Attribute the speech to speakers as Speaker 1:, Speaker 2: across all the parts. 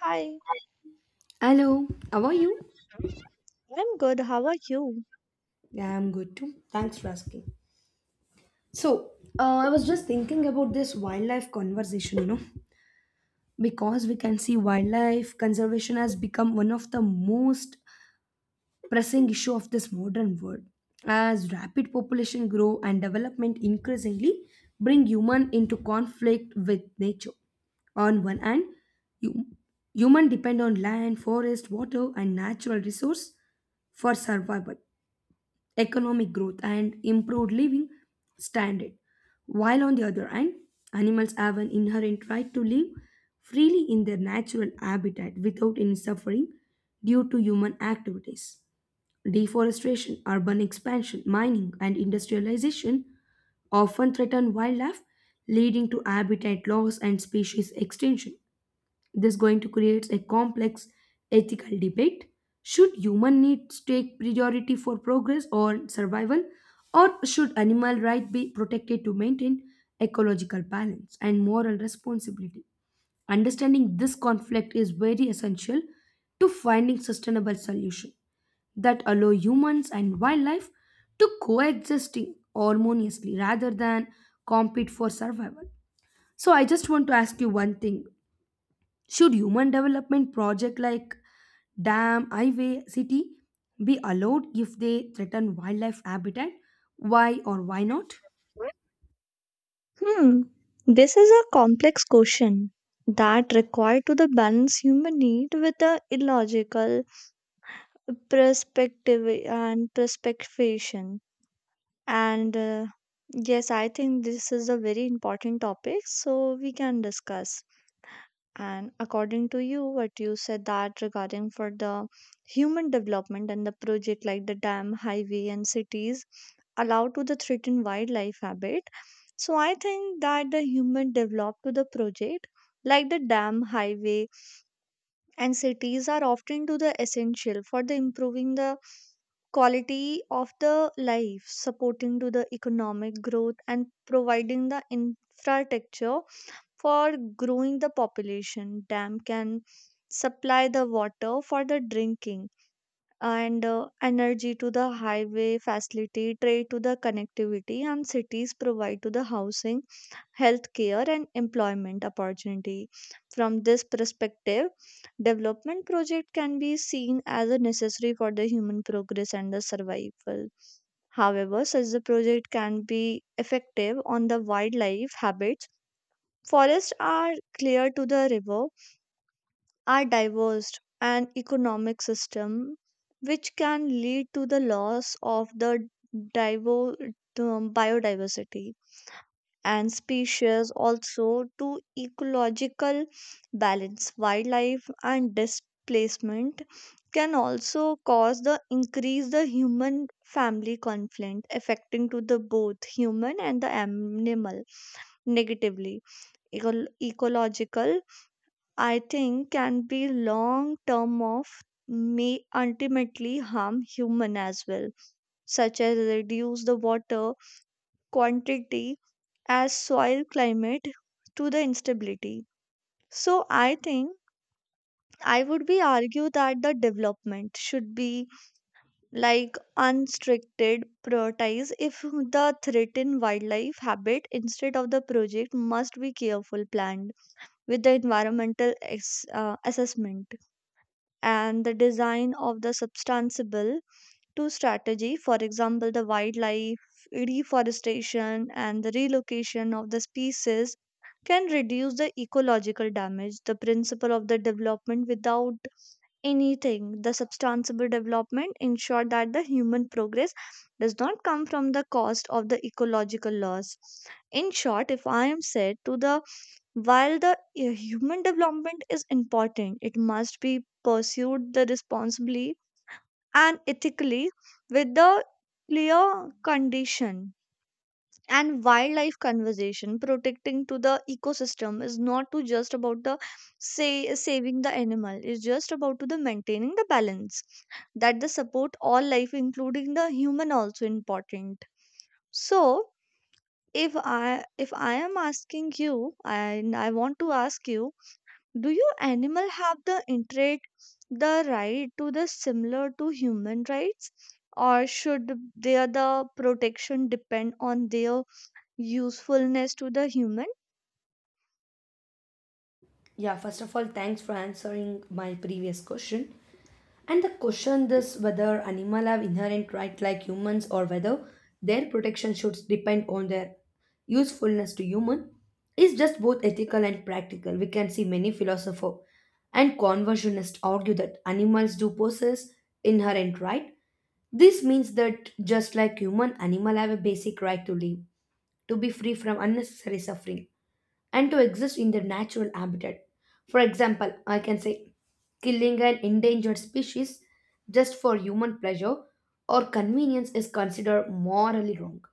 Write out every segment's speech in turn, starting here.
Speaker 1: Hi,
Speaker 2: Hello, how are you?
Speaker 1: I'm good. How are you?
Speaker 2: Yeah, I'm good too. Thanks for asking. So, I was just thinking about this wildlife conversation, you know, because we can see wildlife conservation has become one of the most pressing issue of this modern world. As rapid population grow and development increasingly bring human into conflict with nature. On one hand, hum- human depend on land, forest, water, and natural resource for survival. Economic growth and improved living standard. While on the other hand, animals have an inherent right to live freely in their natural habitat without any suffering due to human activities. Deforestation, urban expansion, mining, and industrialization often threaten wildlife, leading to habitat loss and species extinction. This going to create a complex ethical debate. Should human needs take priority for progress or survival? Or should animal rights be protected to maintain ecological balance and moral responsibility? Understanding this conflict is very essential to finding sustainable solution that allow humans and wildlife to coexisting harmoniously rather than compete for survival. So I just want to ask you one thing. Should human development project like dam, highway, city be allowed if they threaten wildlife habitat? Why or why not?
Speaker 1: Hmm, this is a complex question that required to the balance human need with the illogical perspective and perspectivation. And yes, I think this is a very important topic, so we can discuss. And according to you, what you said that regarding for the human development and the project like the dam, highway, and cities allowed to the threatened wildlife habit. So I think that the human developed to the project like the dam, highway, and cities are often to the essential for the improving the quality of the life, supporting to the economic growth and providing the infrastructure for growing the population. Dam can supply the water for the drinking and energy to the highway facility trade to the connectivity, and cities provide to the housing, healthcare, and employment opportunity. From this perspective, development project can be seen as a necessary for the human progress and the survival. However, such a project can be effective on the wildlife habits. Forests are clear to the river, are diverse and economic system, which can lead to the loss of the divo- biodiversity and species, also to ecological balance. Wildlife and displacement can also cause the increase the human family conflict, affecting to the both human and the animal negatively. Ecological, I think, can be long term of may ultimately harm human as well, such as reduce the water quantity, as soil climate to the instability. So I think I would be argue that the development should be like unrestricted prioritize if the threatened wildlife habit, instead of the project must be careful planned with the environmental assessment and the design of the substantiable to strategy. For example, the wildlife reforestation and the relocation of the species can reduce the ecological damage, the principle of the development without anything. The substantial development ensure that the human progress does not come from the cost of the ecological loss. In short, if I am said to the while the human development is important, it must be pursued the responsibly and ethically, with the clear condition. And wildlife conservation, protecting to the ecosystem, is not to just about the say saving the animal. It's just about to the maintaining the balance that the support all life, including the human, also important. So if I am asking you, and I want to ask you, do you animal have the intrate the right to the similar to human rights, or should their the protection depend on their usefulness to the human?
Speaker 2: Yeah, first of all, thanks for answering my previous question. And the question is whether animals have inherent right like humans or whether their protection should depend on their usefulness to human is just both ethical and practical. We can see many philosophers and conversionists argue that animals do possess inherent right. This means that just like human, animal have a basic right to live, to be free from unnecessary suffering and to exist in their natural habitat. For example, I can say killing an endangered species just for human pleasure or convenience is considered morally wrong,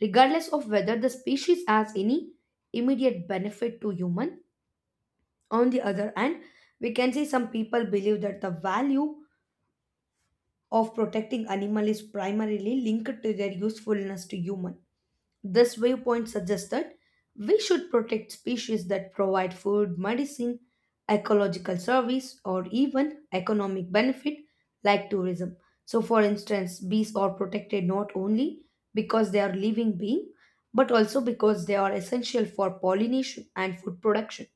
Speaker 2: regardless of whether the species has any immediate benefit to human. On the other hand, we can see some people believe that the value of protecting animal is primarily linked to their usefulness to human. This viewpoint suggests that we should protect species that provide food, medicine, ecological service, or even economic benefit like tourism. So, for instance, bees are protected not only because they are living beings, but also because they are essential for pollination and food production.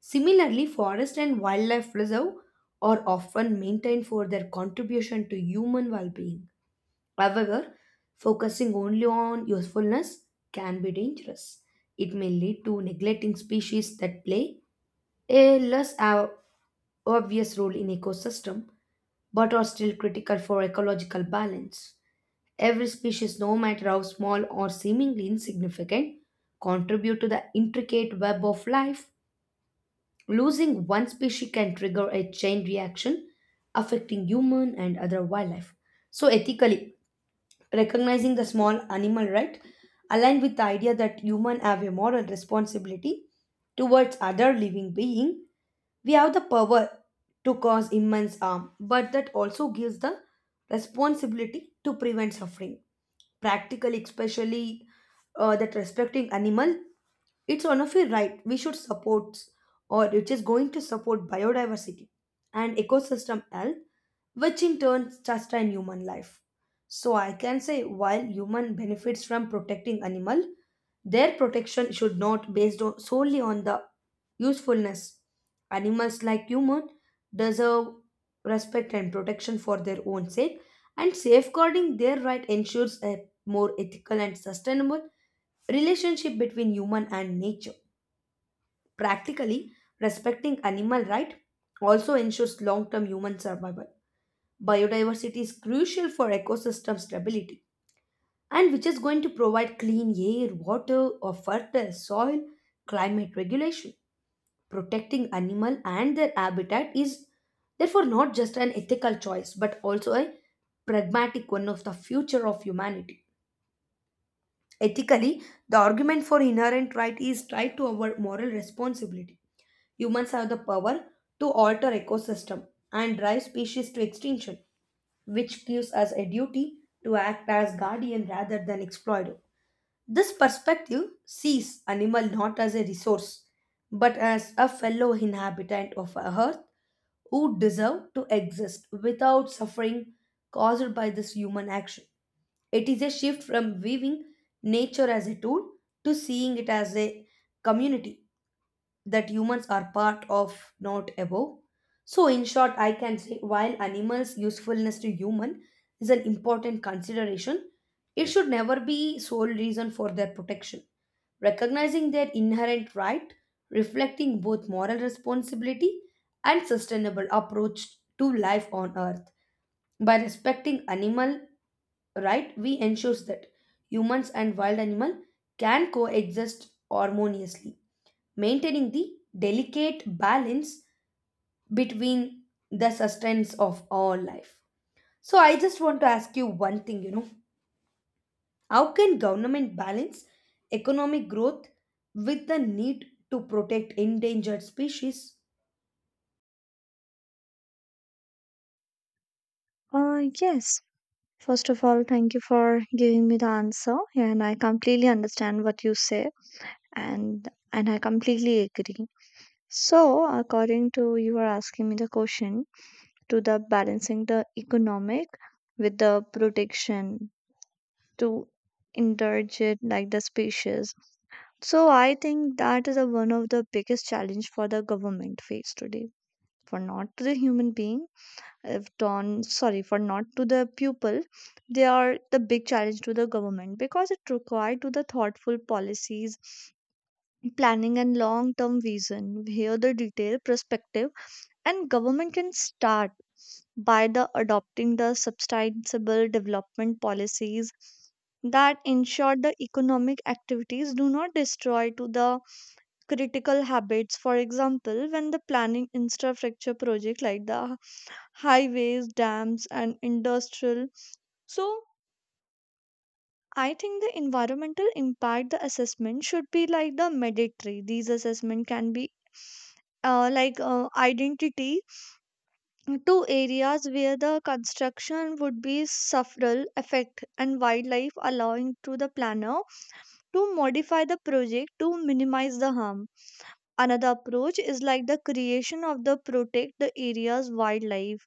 Speaker 2: Similarly, forest and wildlife reserve are often maintained for their contribution to human well-being. However, focusing only on usefulness can be dangerous. It may lead to neglecting species that play a obvious role in ecosystem but are still critical for ecological balance. Every species, no matter how small or seemingly insignificant, contribute to the intricate web of life. Losing one species can trigger a chain reaction affecting human and other wildlife. So ethically, recognizing the small animal right aligned with the idea that humans have a moral responsibility towards other living being. We have the power to cause immense harm but that also gives the responsibility to prevent suffering practically, especially that respecting animal, it's one of your right we should support, or it is going to support biodiversity and ecosystem health, which in turn sustain human life. So I can say while human benefits from protecting animal, their protection should not based on, solely on the usefulness. Animals like human deserve respect and protection for their own sake, and safeguarding their right ensures a more ethical and sustainable relationship between human and nature. Practically, respecting animal right also ensures long-term human survival. Biodiversity is crucial for ecosystem stability and which is going to provide clean air, water, or fertile soil, climate regulation. Protecting animal and their habitat is therefore not just an ethical choice but also a pragmatic one of the future of humanity. Ethically, the argument for inherent right is tied to our moral responsibility. Humans have the power to alter ecosystem and drive species to extinction, which gives us a duty to act as guardian rather than exploiter. This perspective sees animal not as a resource but as a fellow inhabitant of our earth who deserve to exist without suffering caused by this human action. It is a shift from viewing nature as a tool to seeing it as a community that humans are part of, not above. So, in short, I can say while animals' usefulness to human is an important consideration, it should never be sole reason for their protection. Recognizing their inherent right, reflecting both moral responsibility and sustainable approach to life on earth. By respecting animal right, we ensures that humans and wild animal can coexist harmoniously maintaining the delicate balance between the sustenance of all life. So I just want to ask you one thing, you know, how can government balance economic growth with the need to protect endangered species?
Speaker 1: Yes. First of all, thank you for giving me the answer, and I completely understand what you say, and I completely agree. So, according to you are asking me the question to the balancing the economic with the protection to indulge it like the species. So, I think that is a, one of the biggest challenge for the government face today. For not to the human being, have done sorry for not to the pupil, they are the big challenge to the government because it required to the thoughtful policies planning and long term vision. Here the detailed perspective, and government can start by the adopting the sustainable development policies that ensure the economic activities do not destroy to the critical habits. For example, when the planning infrastructure project like the highways, dams, and industrial. So I think the environmental impact the assessment should be like the mandatory. These assessment can be like identity to areas where the construction would be sufferal effect and wildlife, allowing to the planner to modify the project to minimize the harm. Another approach is like the creation of the protect the area's wildlife.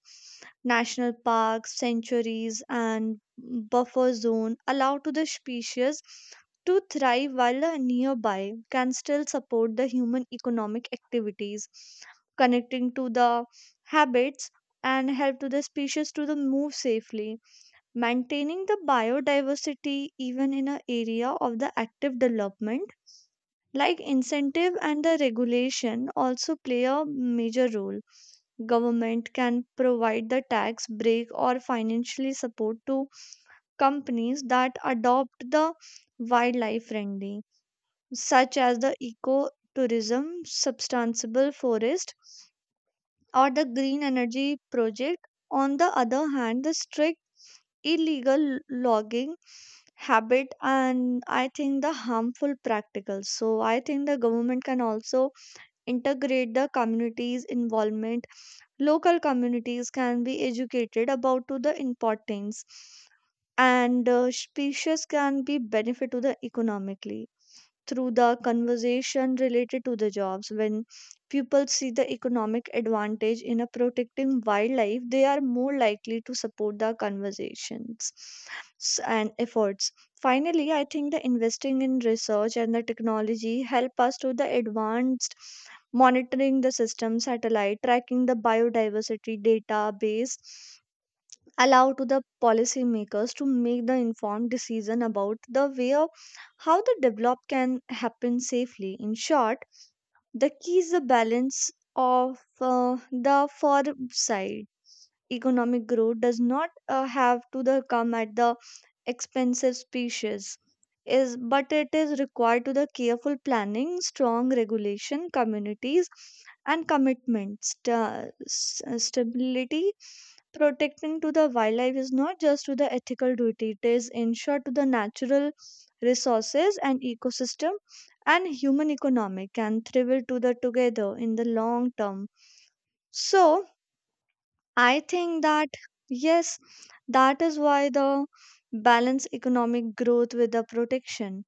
Speaker 1: National parks, sanctuaries, and buffer zone allow to the species to thrive, while the nearby can still support the human economic activities, connecting to the habits and help to the species to the move safely. Maintaining the biodiversity even in an area of the active development. Like incentive and the regulation also play a major role. Government can provide the tax break or financially support to companies that adopt the wildlife friendly, such as the eco tourism, sustainable forest, or the green energy project. On the other hand, the strict illegal logging habit, and I think the harmful practicals. So I think the government can also integrate the community's involvement. Local communities can be educated about to the importance, and species can be benefit to the economically through the conversation related to the jobs. When people see the economic advantage in a protecting wildlife, they are more likely to support the conversations and efforts. Finally, I think the investing in research and the technology help us to the advanced monitoring the system satellite tracking the biodiversity database allow to the policymakers to make the informed decision about the way of how the develop can happen safely. In short, the key is the balance of the firm side. Economic growth does not have to the come at the expensive species, is but it is required to the careful planning, strong regulation, communities, and commitment. Stability, protecting to the wildlife, is not just to the ethical duty. It is ensure to the natural resources and ecosystem, and human economic can thrive to the together in the long term. So I think that, yes, that is why the balance economic growth with the protection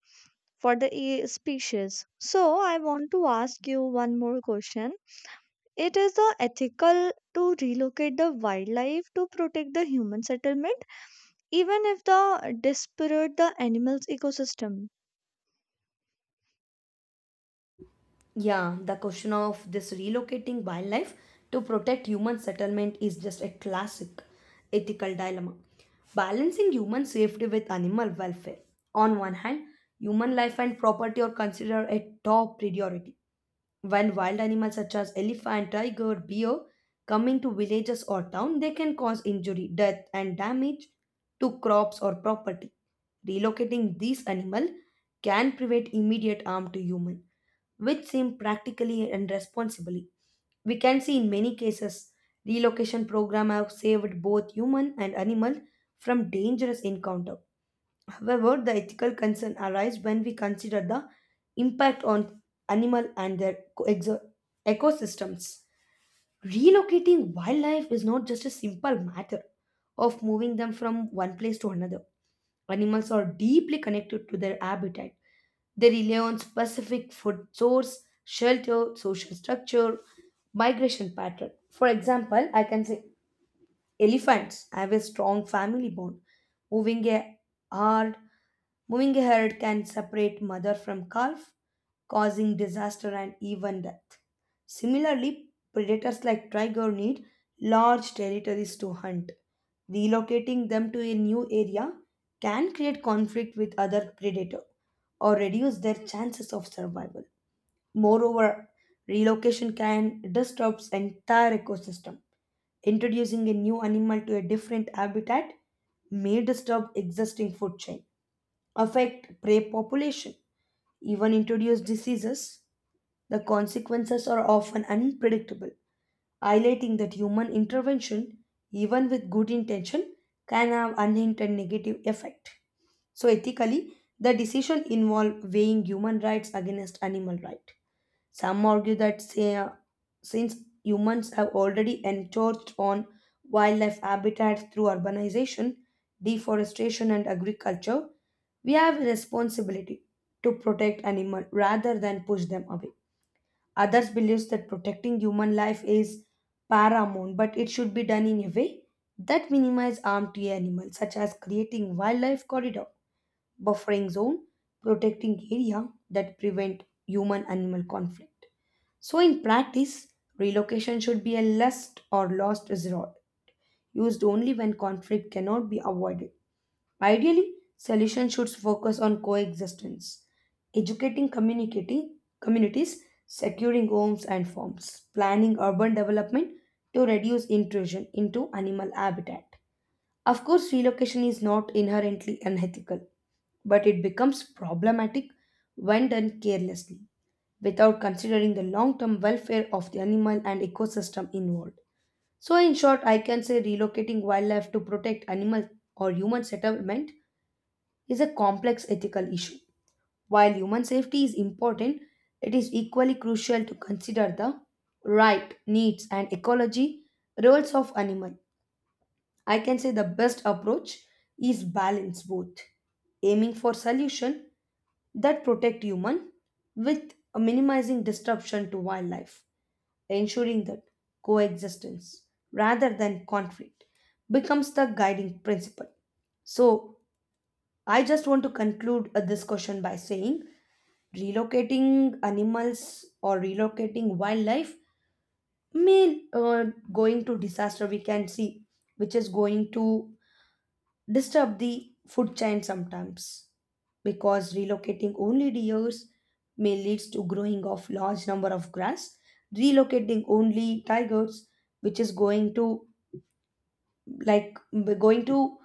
Speaker 1: for the species. So, I want to ask you one more question. It is the ethical to relocate the wildlife to protect the human settlement, even if the disparate the animals ecosystem.
Speaker 2: Yeah, the question of this relocating wildlife to protect human settlement is just a classic ethical dilemma. Balancing human safety with animal welfare. On one hand, human life and property are considered a top priority. When wild animals such as elephant, tiger, bear come into villages or town, they can cause injury, death, and damage to crops or property. Relocating these animal can prevent immediate harm to human, which seem practically and responsibly. We can see in many cases relocation program have saved both human and animal from dangerous encounter. However, the ethical concern arises when we consider the impact on animal and their ecosystems. Relocating wildlife is not just a simple matter of moving them from one place to another. Animals are deeply connected to their habitat. They rely on specific food source, shelter, social structure, migration pattern. For example, I can say Elephants have a strong family bond. Moving a herd, Moving a herd can separate mother from calf, causing disaster and even death. Similarly, predators like tiger need large territories to hunt. Relocating them to a new area can create conflict with other predator or reduce their chances of survival. Moreover, relocation can disrupt entire ecosystem. Introducing a new animal to a different habitat may disturb existing food chain, affect prey population, even introduce diseases. The consequences are often unpredictable, highlighting that human intervention, even with good intention, can have unintended negative effect. So ethically, the decision involve weighing human rights against animal right. Some argue that since humans have already encroached on wildlife habitats through urbanization, deforestation, and agriculture, we have a responsibility to protect animals rather than push them away. Others believe that protecting human life is paramount, but it should be done in a way that minimizes harm to animals, such as creating wildlife corridor buffering zone, protecting area that prevent human-animal conflict. So in practice, relocation should be a last resort, used only when conflict cannot be avoided. Ideally, solutions should focus on coexistence, educating communicating communities, securing homes and farms, planning urban development to reduce intrusion into animal habitat, of course, relocation is not inherently unethical, but it becomes problematic when done carelessly, without considering the long term welfare of the animal and ecosystem involved. So, in short, I can say relocating wildlife to protect animal or human settlement is a complex ethical issue. While human safety is important, it is equally crucial to consider the right, needs, and ecology roles of animal. I can say the best approach is balance both, aiming for solution that protect human with minimizing disruption to wildlife, ensuring that coexistence rather than conflict becomes the guiding principle. So, I just want to conclude this question by saying relocating animals or relocating wildlife may going to disaster we can see, which is going to disturb the food chain sometimes because relocating only deers may lead to growing of large number of grass, relocating only tigers which is going to like going to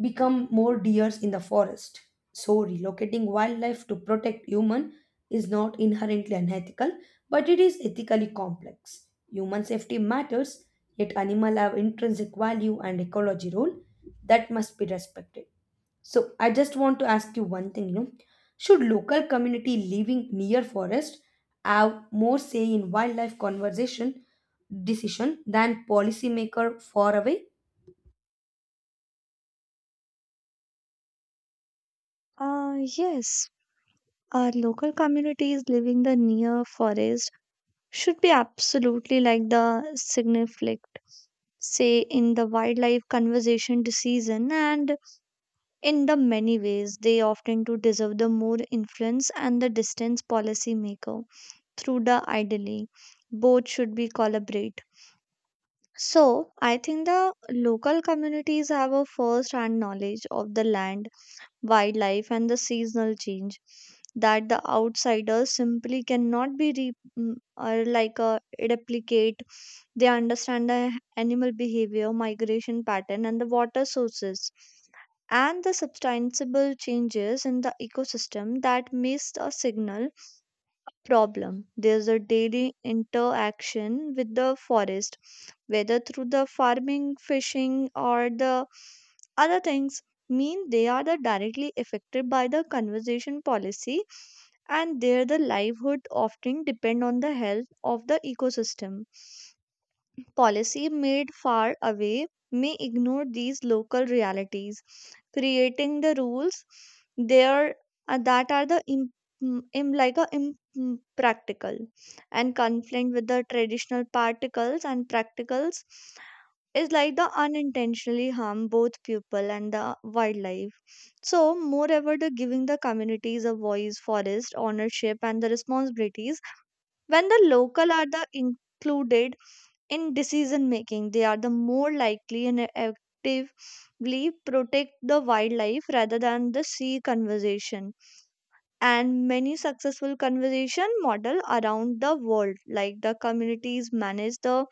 Speaker 2: become more deers in the forest. So relocating wildlife to protect human is not inherently unethical but it is ethically complex. Human safety matters yet animal have intrinsic value and ecology role that must be respected. So I just want to ask you one thing, you know, should local community living near forest have more say in wildlife conservation decision than policymaker far away?
Speaker 1: Yes, our local communities living the near forest should be absolutely like the significant say in the wildlife conservation season. And in the many ways, they often do deserve the more influence and the distance policy maker through the ideally. Both should be collaborate. So I think the local communities have a first hand knowledge of the land wildlife, and the seasonal change that the outsiders simply cannot be or like replicate. They understand the animal behavior, migration pattern, and the water sources, and the substantial changes in the ecosystem that miss a signal problem. There's a daily interaction with the forest, whether through the farming, fishing, or the other things, mean they are the directly affected by the conservation policy, and their the livelihood often depend on the health of the ecosystem. Policy made far away may ignore these local realities, creating the rules there that are the like a impractical and conflict with the traditional particles and practicals, is like the unintentionally harm both people and the wildlife. So, moreover, the giving the communities a voice, forest ownership, and the responsibilities. When the local are the included in decision making, they are the more likely and actively protect the wildlife rather than the sea conservation. And many successful conservation model around the world, like the communities manage the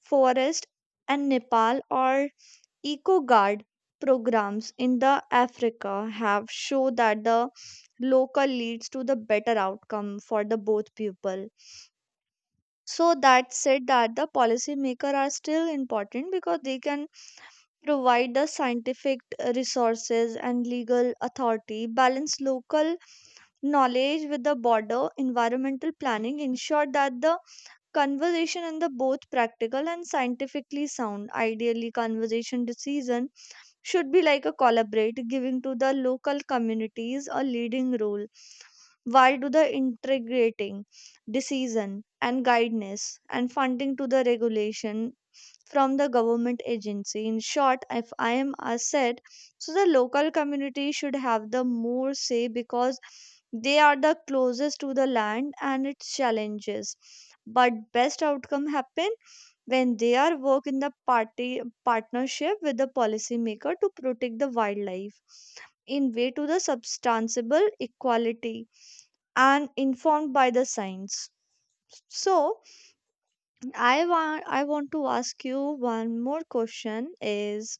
Speaker 1: forest and Nepal, or eco guard programs in the Africa, have shown that the local leads to the better outcome for the both people. So that said, that the policy maker are still important because they can provide the scientific resources and legal authority, balance local knowledge with the border environmental planning, ensure that the conversation in the both practical and scientifically sound. Ideally conversation decision should be like a collaborate, giving to the local communities a leading role while to the integrating decision and guidance and funding to the regulation from the government agency. In short, if I am a said, so the local community should have the more say because they are the closest to the land and its challenges. But best outcome happen when they are work in the party partnership with the policymaker to protect the wildlife in way to the substantiable equality and informed by the science. So I want to ask you one more question is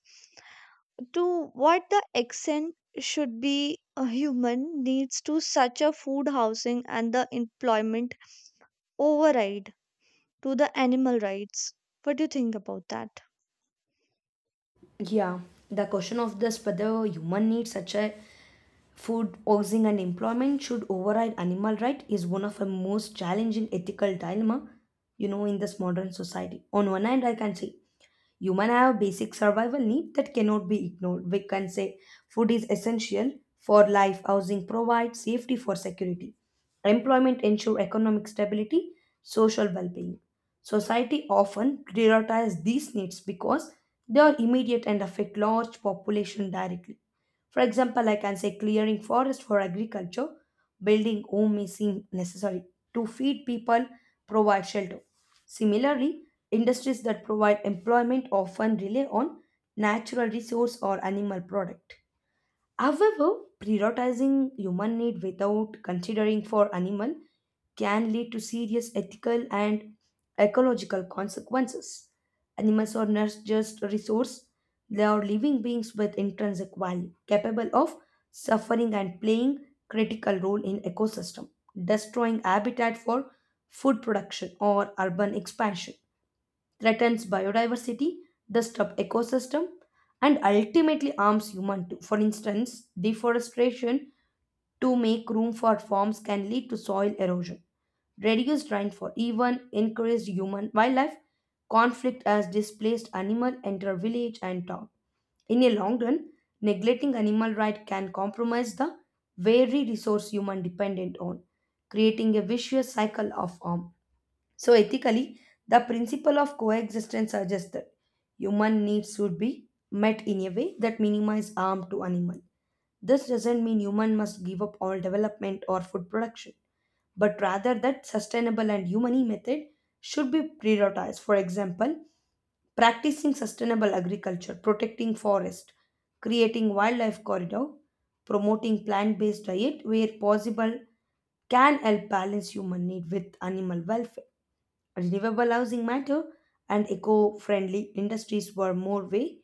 Speaker 1: to what the accent should be a human needs to such a food, housing, and the employment override to the animal rights. What do you think about that?
Speaker 2: Yeah, the question of this whether human needs such as food, housing, and employment should override animal right is one of the most challenging ethical dilemma, you know, in this modern society. On one hand, I can say Human have basic survival need that cannot be ignored. We can say food is essential for life, housing provides safety for security, employment ensure economic stability, social well-being. Society often prioritize these needs because they are immediate and affect large population directly. For example, I can say clearing forest for agriculture, building home may seem necessary to feed people, provide shelter. Similarly, Industries that provide employment often rely on natural resource or animal product. However, prioritizing human need without considering for animal can lead to serious ethical and ecological consequences. Animals are not just a resource, they are living beings with intrinsic value, capable of suffering and playing critical role in ecosystem, destroying habitat for food production or urban expansion threatens biodiversity, disrupts ecosystem, and ultimately harms human too. For instance, deforestation to make room for farms can lead to soil erosion, reduced rainfall, even increased human wildlife conflict as displaced animal enter village and town. In a long run, neglecting animal rights can compromise the very resource human dependent on, creating a vicious cycle of harm. So, ethically, the principle of coexistence suggests that human needs should be met in a way that minimizes harm to animal. This doesn't mean human must give up all development or food production, but rather that sustainable and humane method should be prioritized. For example, practicing sustainable agriculture, protecting forest, creating wildlife corridor, promoting plant-based diet where possible can help balance human need with animal welfare. Renewable housing matter and eco-friendly industries were more way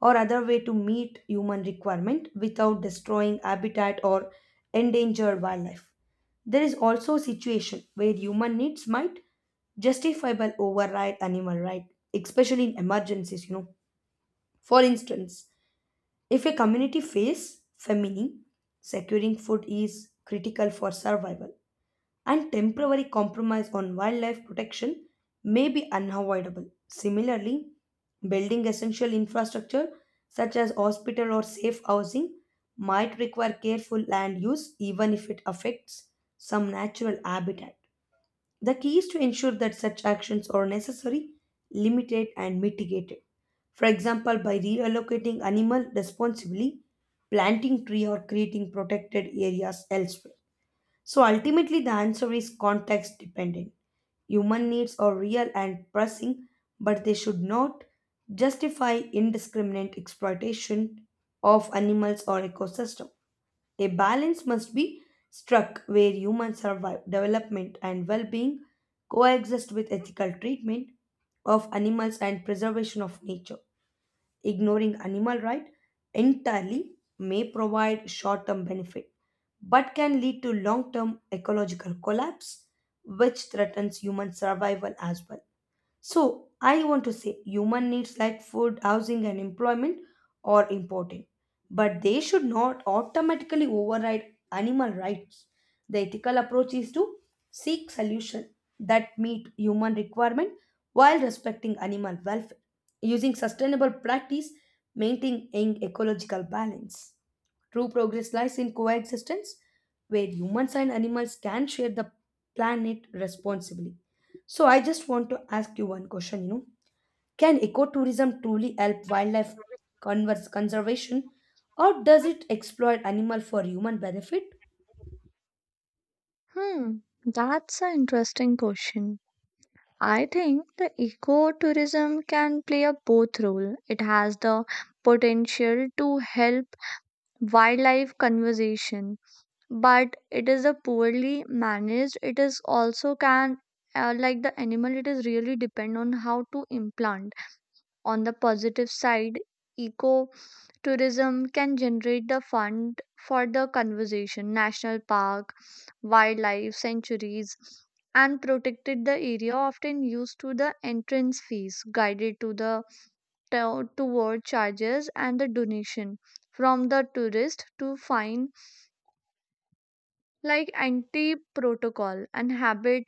Speaker 2: or other way to meet human requirement without destroying habitat or endangered wildlife. There is also a situation where human needs might justifiable override animal right, especially in emergencies, you know. For instance, if a community faces famine, securing food is critical for survival and temporary compromise on wildlife protection may be unavoidable. Similarly, building essential infrastructure such as hospital or safe housing might require careful land use even if it affects some natural habitat. The key is to ensure that such actions are necessary, limited, and mitigated. For example, by reallocating animal responsibly, planting tree or creating protected areas elsewhere. So ultimately the answer is context dependent. Human needs are real and pressing, but they should not justify indiscriminate exploitation of animals or ecosystem. A balance must be struck where human survive, development, and well being coexist with ethical treatment of animals and preservation of nature. Ignoring animal rights entirely may provide short term benefit but can lead to long term ecological collapse, which threatens human survival as well. So I want to say human needs like food, housing, and employment are important, but they should not automatically override animal rights. The ethical approach is to seek solutions that meet human requirement while respecting animal welfare, using sustainable practice, maintaining ecological balance. True progress lies in coexistence where humans and animals can share the planet responsibly. So I just want to ask you one question, you know. Can ecotourism truly help wildlife converse conservation or does it exploit animal for human benefit?
Speaker 1: Hmm, that's an interesting question. I think the ecotourism can play a both role. It has the potential to help wildlife conservation, but it is a poorly managed. It is also can like the animal. It is really depend on how to implant. On the positive side, eco tourism can generate the fund for the conservation national park, wildlife sanctuaries, and protected the area, often used to the entrance fees, guided to the toward charges and the donation from the tourist to find like anti protocol and habit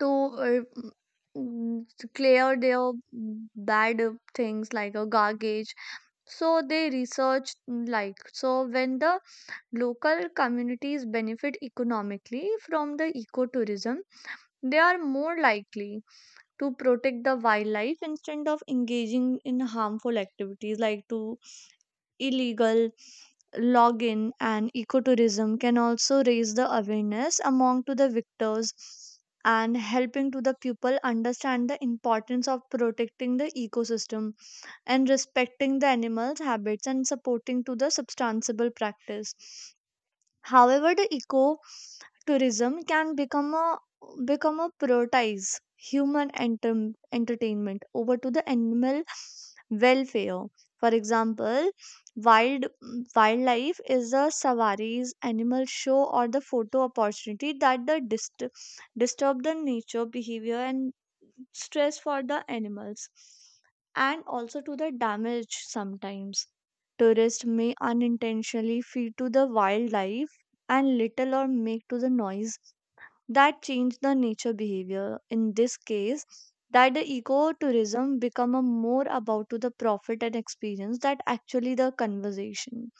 Speaker 1: to uh, to clear their bad things like a garbage. So they research like so when the local communities benefit economically from the ecotourism, they are more likely to protect the wildlife instead of engaging in harmful activities like to illegal login. And ecotourism can also raise the awareness among to the victors, and helping to the people understand the importance of protecting the ecosystem and respecting the animals habits and supporting to the sustainable practice. However, the eco tourism can become a prioritize human entertainment over to the animal welfare. For example, wild wildlife is a safaris, animal show, or the photo opportunity that the disturb the nature behavior and stress for the animals, and also to the damage. Sometimes tourists may unintentionally feed to the wildlife and little, or make to the noise that change the nature behavior. In this case, that the ecotourism become a more about to the profit and experience that actually the conversation,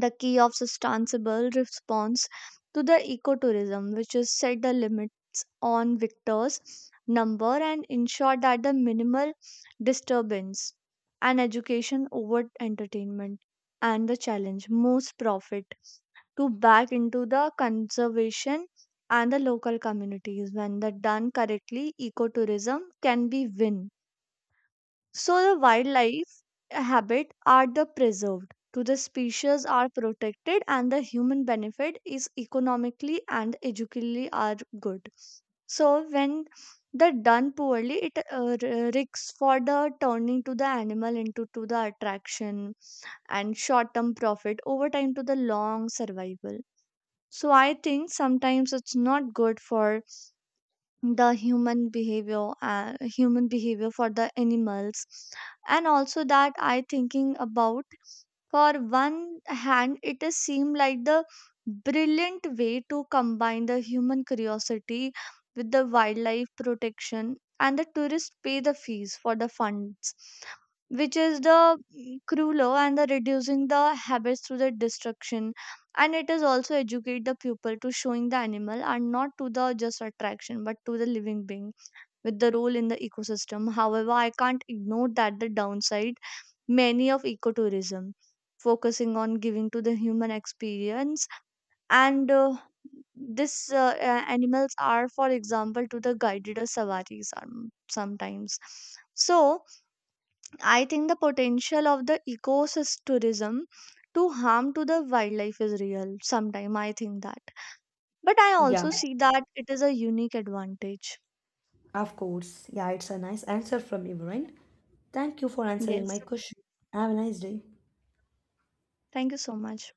Speaker 1: the key of sustainable response to the ecotourism, which is set the limits on victors number, and ensure that the minimal disturbance, and education over entertainment, and the challenge most profit to back into the conservation and the local communities. When that done correctly, ecotourism can be win. So the wildlife habit are the preserved to the species are protected, and the human benefit is economically and educationally are good. So when the done poorly, it risks for the turning to the animal into to the attraction, and short term profit over time to the long survival. So I think sometimes it's not good for the human behavior, human behavior for the animals. And also that I thinking about for one hand, it is seem like the brilliant way to combine the human curiosity with the wildlife protection. And the tourists pay the fees for the funds, which is the crueler and the reducing the habits through the destruction. And it is also educate the pupil to showing the animal, and not to the just attraction but to the living being with the role in the ecosystem. However, I can't ignore that the downside. Many of ecotourism focusing on giving to the human experience, and this animals are, for example, to the guided or sawaris sometimes. So I think the potential of the ecosystem tourism to harm to the wildlife is real sometime I think that, but I
Speaker 2: Yeah,
Speaker 1: also see that it is a unique advantage.
Speaker 2: of course. Yeah, it's a nice answer from you, right? Thank you for answering my
Speaker 1: Yes.
Speaker 2: question. Have a nice day.
Speaker 1: Thank you so much.